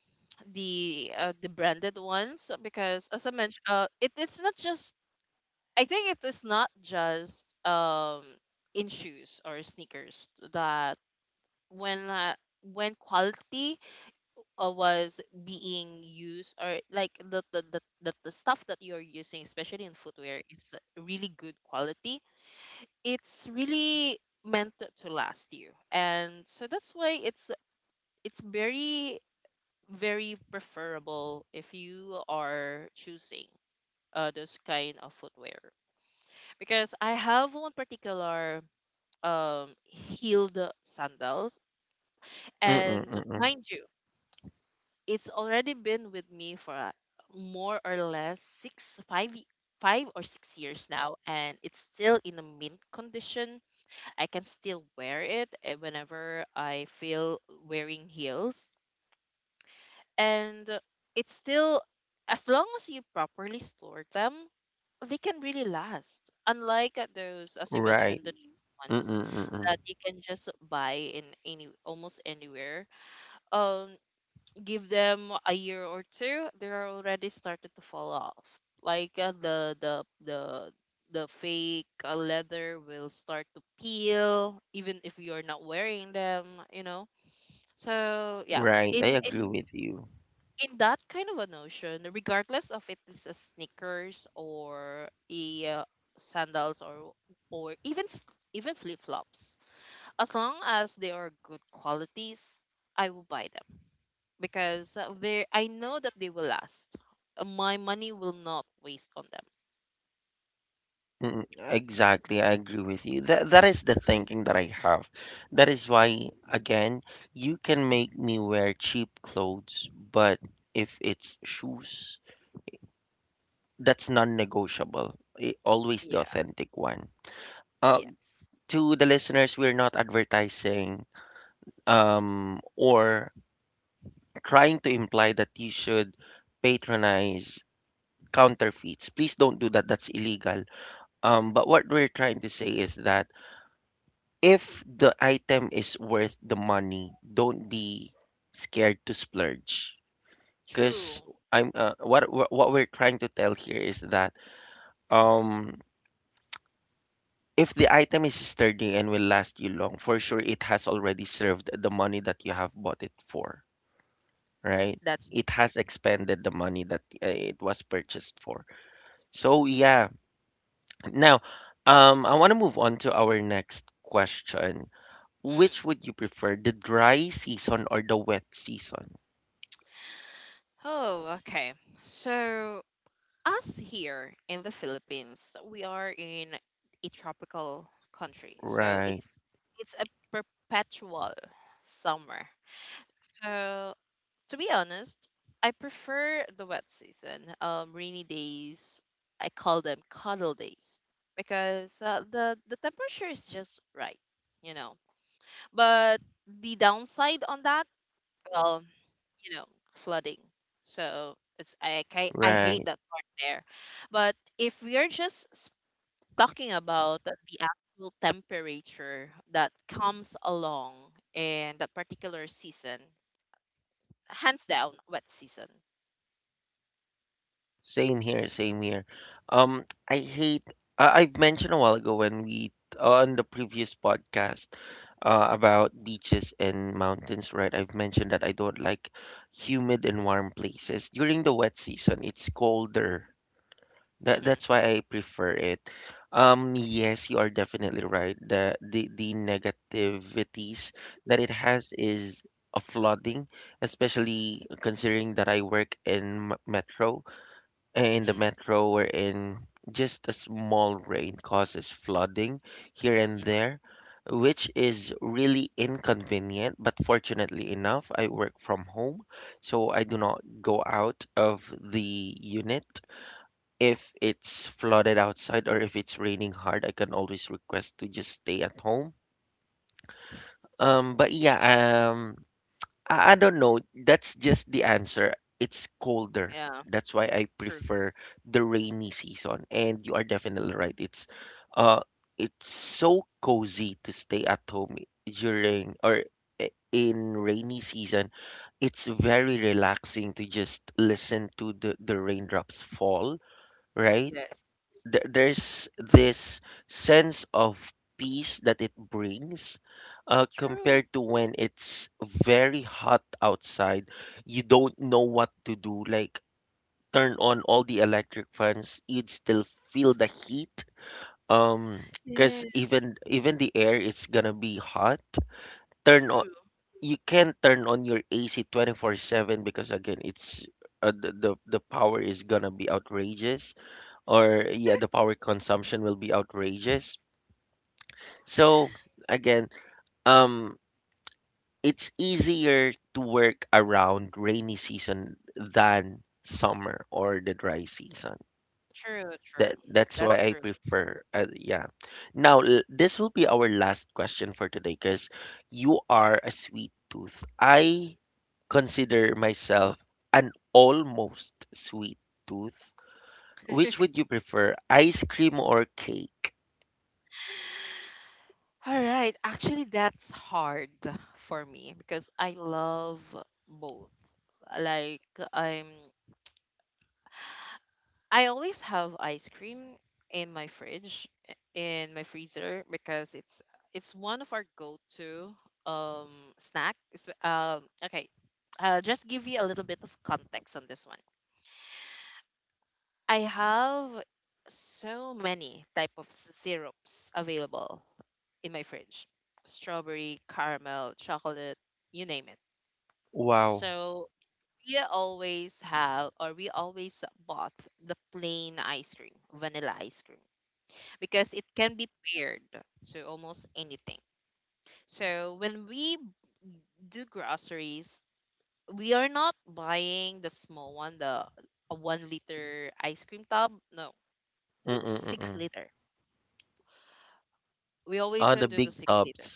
B: the branded ones, because as I mentioned, it, it's not just I think it is not just in shoes or sneakers that when uh, when quality was being used, or like the stuff that you're using, especially in footwear, is really good quality. It's really meant to last you. And so that's why it's very preferable if you are choosing those kind of footwear, because I have one particular heeled sandals,
A: Mm-mm,
B: and
A: mm-mm.
B: mind you, it's already been with me for a- more or less six five y- 5 or 6 years now, and it's still in a mint condition. I can still wear it, whenever I feel wearing heels. And it's still as long as you properly store them, they can really last, unlike those, as you mentioned,
A: Right.
B: the cheap ones,
A: Mm-mm, mm-mm.
B: that you can just buy in any almost anywhere. um Give them a year or two, they're already started to fall off. Like the fake leather will start to peel, even if you're not wearing them, you know. So yeah,
A: Right. I
B: in
A: agree
B: in
A: with you.
B: in that kind of a notion, regardless of it is a sneakers or a sandals or or even s- even flip flops, as long as they are good qualities, I will buy them because they I know that they will last. My money will not waste on them.
A: Mm, exactly. I agree with you. That that is the thinking that I have. That is why, again, you can make me wear cheap clothes, but if it's shoes, that's non-negotiable. I- Always the
B: Yeah.
A: authentic one. Uh,
B: Yes,
A: to the listeners, we're not advertising, or trying to imply that you should patronize counterfeits. Please don't do that. That's illegal. But what we're trying to say is that if the item is worth the money, don't be scared to splurge. Because
B: true.
A: I'm, what we're trying to tell here is that, um, if the item is sturdy and will last you long, for sure it has already served the money that you have bought it for, right?
B: That's
A: It has expended the money that it was purchased for. So yeah. Now, I want to move on to our next question. Which
B: mm.
A: would you prefer, the dry season or the wet season?
B: Oh okay. So us here in the Philippines, we are in a tropical country, so
A: Right,
B: it's a perpetual summer. So to be honest, I prefer the wet season. Rainy days, I call them cuddle days because the temperature is just right, you know. But the downside on that, well, you know, flooding. So I hate
A: right.
B: that part there. But if we are just talking about the actual temperature that comes along in that particular season, hands down, wet season.
A: Same here, same here. I hate. I've mentioned a while ago when we, on the previous podcast, about beaches and mountains, right? I've mentioned that I don't like humid and warm places. During the wet season, it's colder. That
B: Hmm.
A: that's why I prefer it. Yes, you are definitely right. The negativities that it has is a flooding, especially considering that I work in metro, in the metro, wherein just a small rain causes flooding here and there, which is really inconvenient. But fortunately enough, I work from home, so I do not go out of the unit. If it's flooded outside or if it's raining hard, I can always request to just stay at home. But yeah, um, I don't know. That's just the answer. It's colder.
B: Yeah,
A: That's why I
B: true.
A: prefer the rainy season. And you are definitely right. It's, uh it's so cozy to stay at home during, or in rainy season. It's very relaxing to just listen to the raindrops fall, right?
B: Yes,
A: There's this sense of peace that it brings
B: true.
A: compared to when it's very hot outside. You don't know what to do. Like turn on all the electric fans, you'd still feel the heat. Um,
B: Yeah,
A: because even the air is gonna be hot. Turn on.
B: true,
A: You can't turn on your AC 24/7 because, again, it's, the power is gonna be outrageous, or, yeah, the power consumption will be outrageous. So again, um, it's easier to work around rainy season than summer or the dry season.
B: true, true.
A: That that's why
B: That's
A: I
B: true.
A: prefer, yeah. Now, this will be our last question for today because you are a sweet tooth. I consider myself an almost sweet tooth. Which would you prefer, ice cream or cake?
B: All right. Actually, that's hard for me because I love both. Like I'm I always have ice cream in my fridge in my freezer because it's one of our go-to snack. It's, okay. I'll just give you a little bit of context on this one. I have so many type of syrups available in my fridge. Strawberry, caramel, chocolate, you name it.
A: Wow.
B: So we always have or we always bought the plain ice cream, vanilla ice cream, because it can be paired to almost anything. So when we do groceries, we are not buying the small one, the a 1 liter ice cream tub. No,
A: Mm,
B: six
A: mm.
B: liter We
A: Oh,
B: always
A: the
B: do the
A: big
B: six
A: tubs.
B: liter.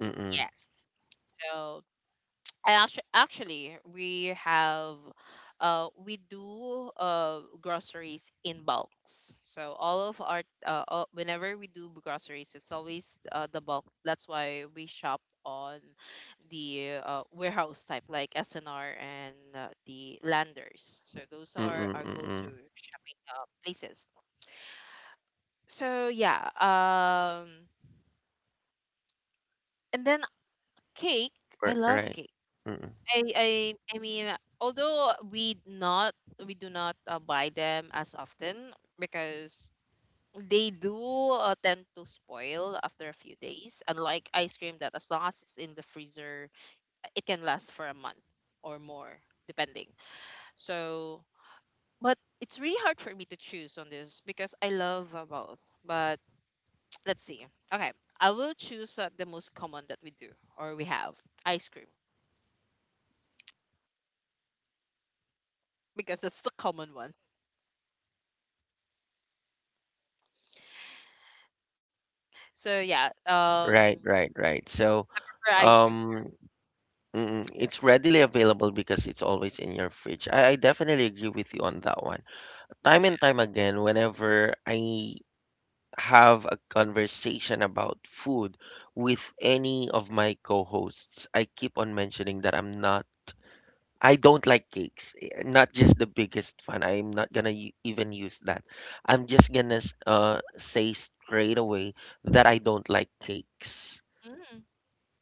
A: Mm,
B: Yes. So and actually, we do groceries in bulks. So all of our all, whenever we do groceries, it's always the bulk. That's why we shop on the warehouse type, like SNR and the Landers. So those are
A: mm,
B: our go-to
A: mm.
B: shopping places. So yeah, and then cake. I
A: R right.
B: love
A: Right.
B: cake.
A: Mm.
B: I I I mean, although we do not buy them as often because they do tend to spoil after a few days. Unlike ice cream, that as long as it's in the freezer, it can last for a month or more, depending. So, but it's really hard for me to choose on this because I love both. But let's see. Okay, I will choose the most common that we do or we have ice cream because that's the common one. So yeah,
A: Right, right, right. So,
B: for ice cream.
A: um, mm, it's readily available because it's always in your fridge. I definitely agree with you on that one. Time and time again, whenever I have a conversation about food with any of my co-hosts, I keep on mentioning that I don't like cakes. Eh, not just the biggest fan. I'm not gonna even use that. I'm just gonna say straight away that I don't like cakes.
B: Mm.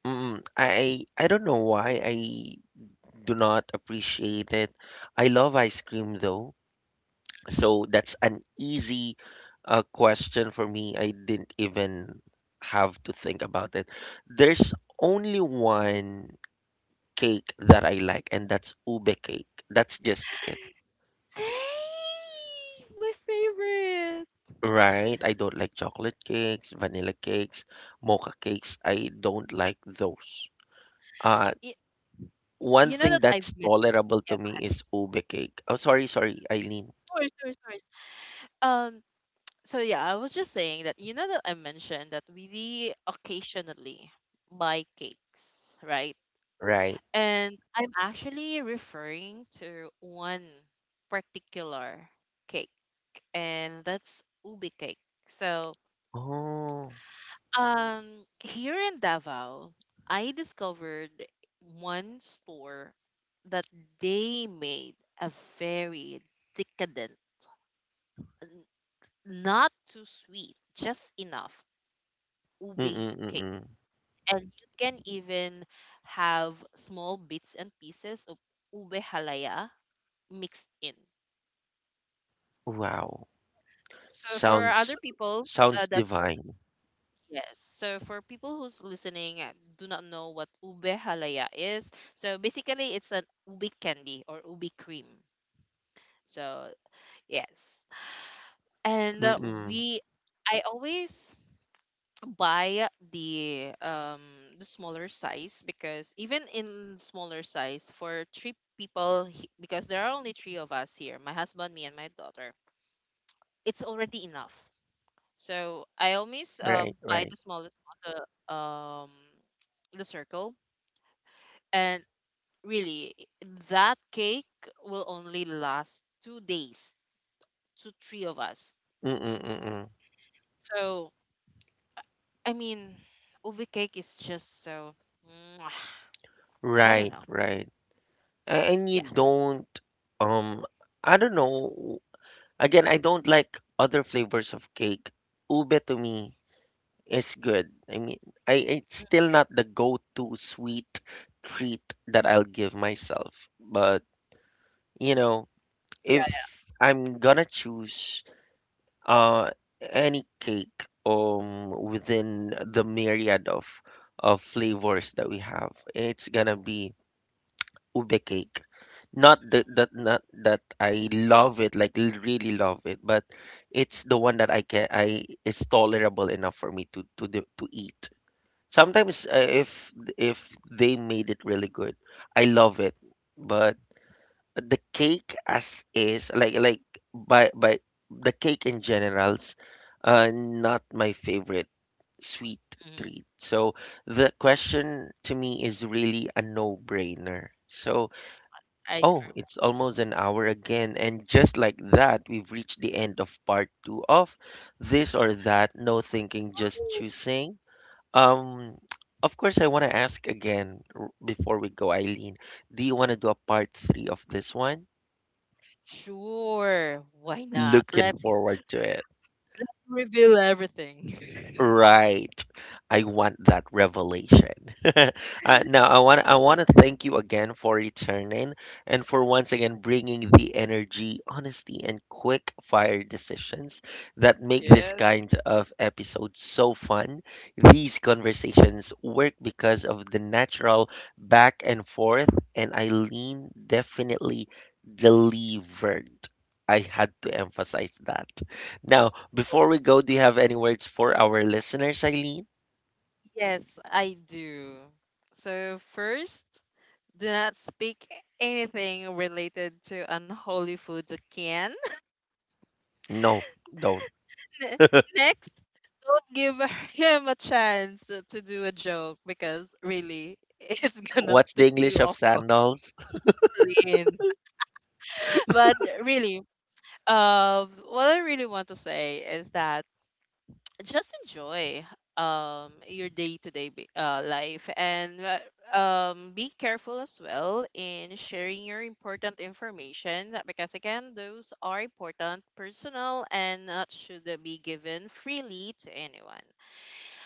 A: Mm, I don't know why I do not appreciate it. I love ice cream though, so that's an easy, question for me. I didn't even have to think about it. There's only one cake that I like, and that's ube cake. That's just it.
B: Hey, my favorite.
A: Right. I don't like chocolate cakes, vanilla cakes, mocha cakes. I don't like those. Uh,
B: Y-
A: one
B: you know
A: thing
B: that I've
A: that's
B: mentioned.
A: tolerable
B: Yeah,
A: to
B: go
A: me
B: ahead.
A: is ube cake. Oh, sorry, sorry, Eileen.
B: No worries, no worries, no worries. Um, so yeah, I was just saying that you know that I mentioned that we occasionally buy cakes, right?
A: Right.
B: And I'm actually referring to one particular cake, and that's ubi cake. So
A: Oh.
B: Here in Davao, I discovered one store that they made a very decadent, n- not too sweet, just enough ube
A: Mm-mm,
B: cake.
A: mm-mm.
B: And you can even have small bits and pieces of ube halaya mixed in.
A: Wow.
B: So for
A: Sounds,
B: other people,
A: sounds
B: that's—
A: divine.
B: Yes. So for people who's listening do not know what ube halaya is, so basically it's an ube candy or ube cream. So yes, and
A: Mm-mm.
B: we I always buy the smaller size because even in smaller size for three people because there are only three of us here, my husband, me, and my daughter, it's already enough. So I always
A: Right,
B: buy
A: right.
B: the smallest one, the um circle and really that cake will only last 2 days to three of us.
A: Mm-mm, mm-mm.
B: So i I mean ubi cake is just so Mwah. I don't
A: Right,
B: know.
A: right. A- And you
B: Yeah.
A: don't, um, I don't know. Again, I don't like other flavors of cake. Ube to me is good. I mean, I it's still not the go-to sweet treat that I'll give myself, but, you know,
B: Yeah.
A: if I'm gonna choose uh any cake, within the myriad of flavors that we have, it's gonna be ube cake. Not that, that not that I love it, like really love it, but it's the one that I can, I it's tolerable enough for me to eat. Sometimes, if they made it really good, I love it. But the cake as is, like by the cake in general's, not my favorite sweet
B: Hmm.
A: treat. So the question to me is really a no-brainer. So,
B: Ice
A: oh,
B: cream.
A: it's almost an hour again, and just like that, we've reached the end of part two of this or that, no thinking, just choosing. Um, of course, I want to ask again, before we go, Eileen, do you want to do a part three of this one?
B: Sure. Why not?
A: Looking
B: Let's
A: forward to it.
B: reveal everything.
A: Right. I want that revelation. Uh, now I want to thank you again for returning and for once again bringing the energy, honesty, and quick fire decisions that make this
B: Yes.
A: kind of episode so fun. These conversations work because of the natural back and forth, and Eileen definitely delivered. I had to emphasize that. Now, before we go, do you have any words for our listeners, Eileen?
B: Yes, I do. So first, do not speak anything related to unholy food to Ken.
A: No, don't.
B: Ne- Next, don't give him a chance to do a joke because really, it's gonna
A: What's the
B: take
A: English
B: you
A: of
B: off guard.
A: sandals?
B: Lynn. But really, what I really want to say is that just enjoy your day to day life and be careful as well in sharing your important information because again, those are important personal and not should be given freely to anyone.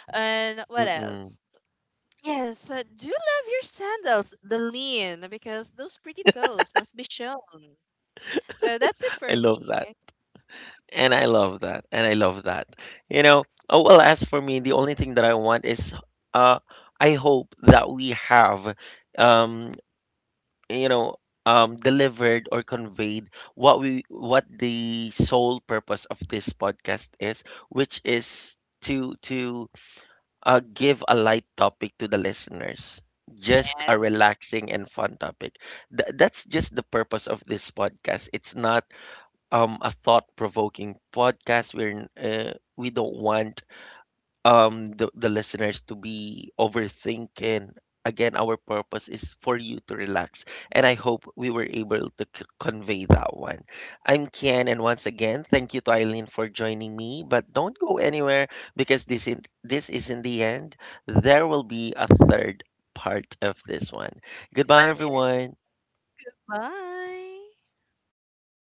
B: And what else?
A: Mm-mm.
B: Yes, do love your sandals, the lean, because those pretty toes must be shown. So that's it
A: I
B: for
A: love that.
B: me.
A: And I love that. And I love that. You know, oh well, as for me, the only thing that I want is, uh I hope that we have, um you know, delivered or conveyed what we, what the sole purpose of this podcast is, which is to, give a light topic to the listeners. Just a
B: Yes.
A: relaxing and fun topic. That's just the purpose of this podcast. It's not, a thought-provoking podcast. We're we don't want, the listeners to be overthinking. Again, our purpose is for you to relax, and I hope we were able to convey that one. I'm Ken, and once again thank you to Eileen for joining me, but don't go anywhere because this is, this isn't the end. There will be a third part of this one. Goodbye,
B: Yeah.
A: everyone.
B: Bye.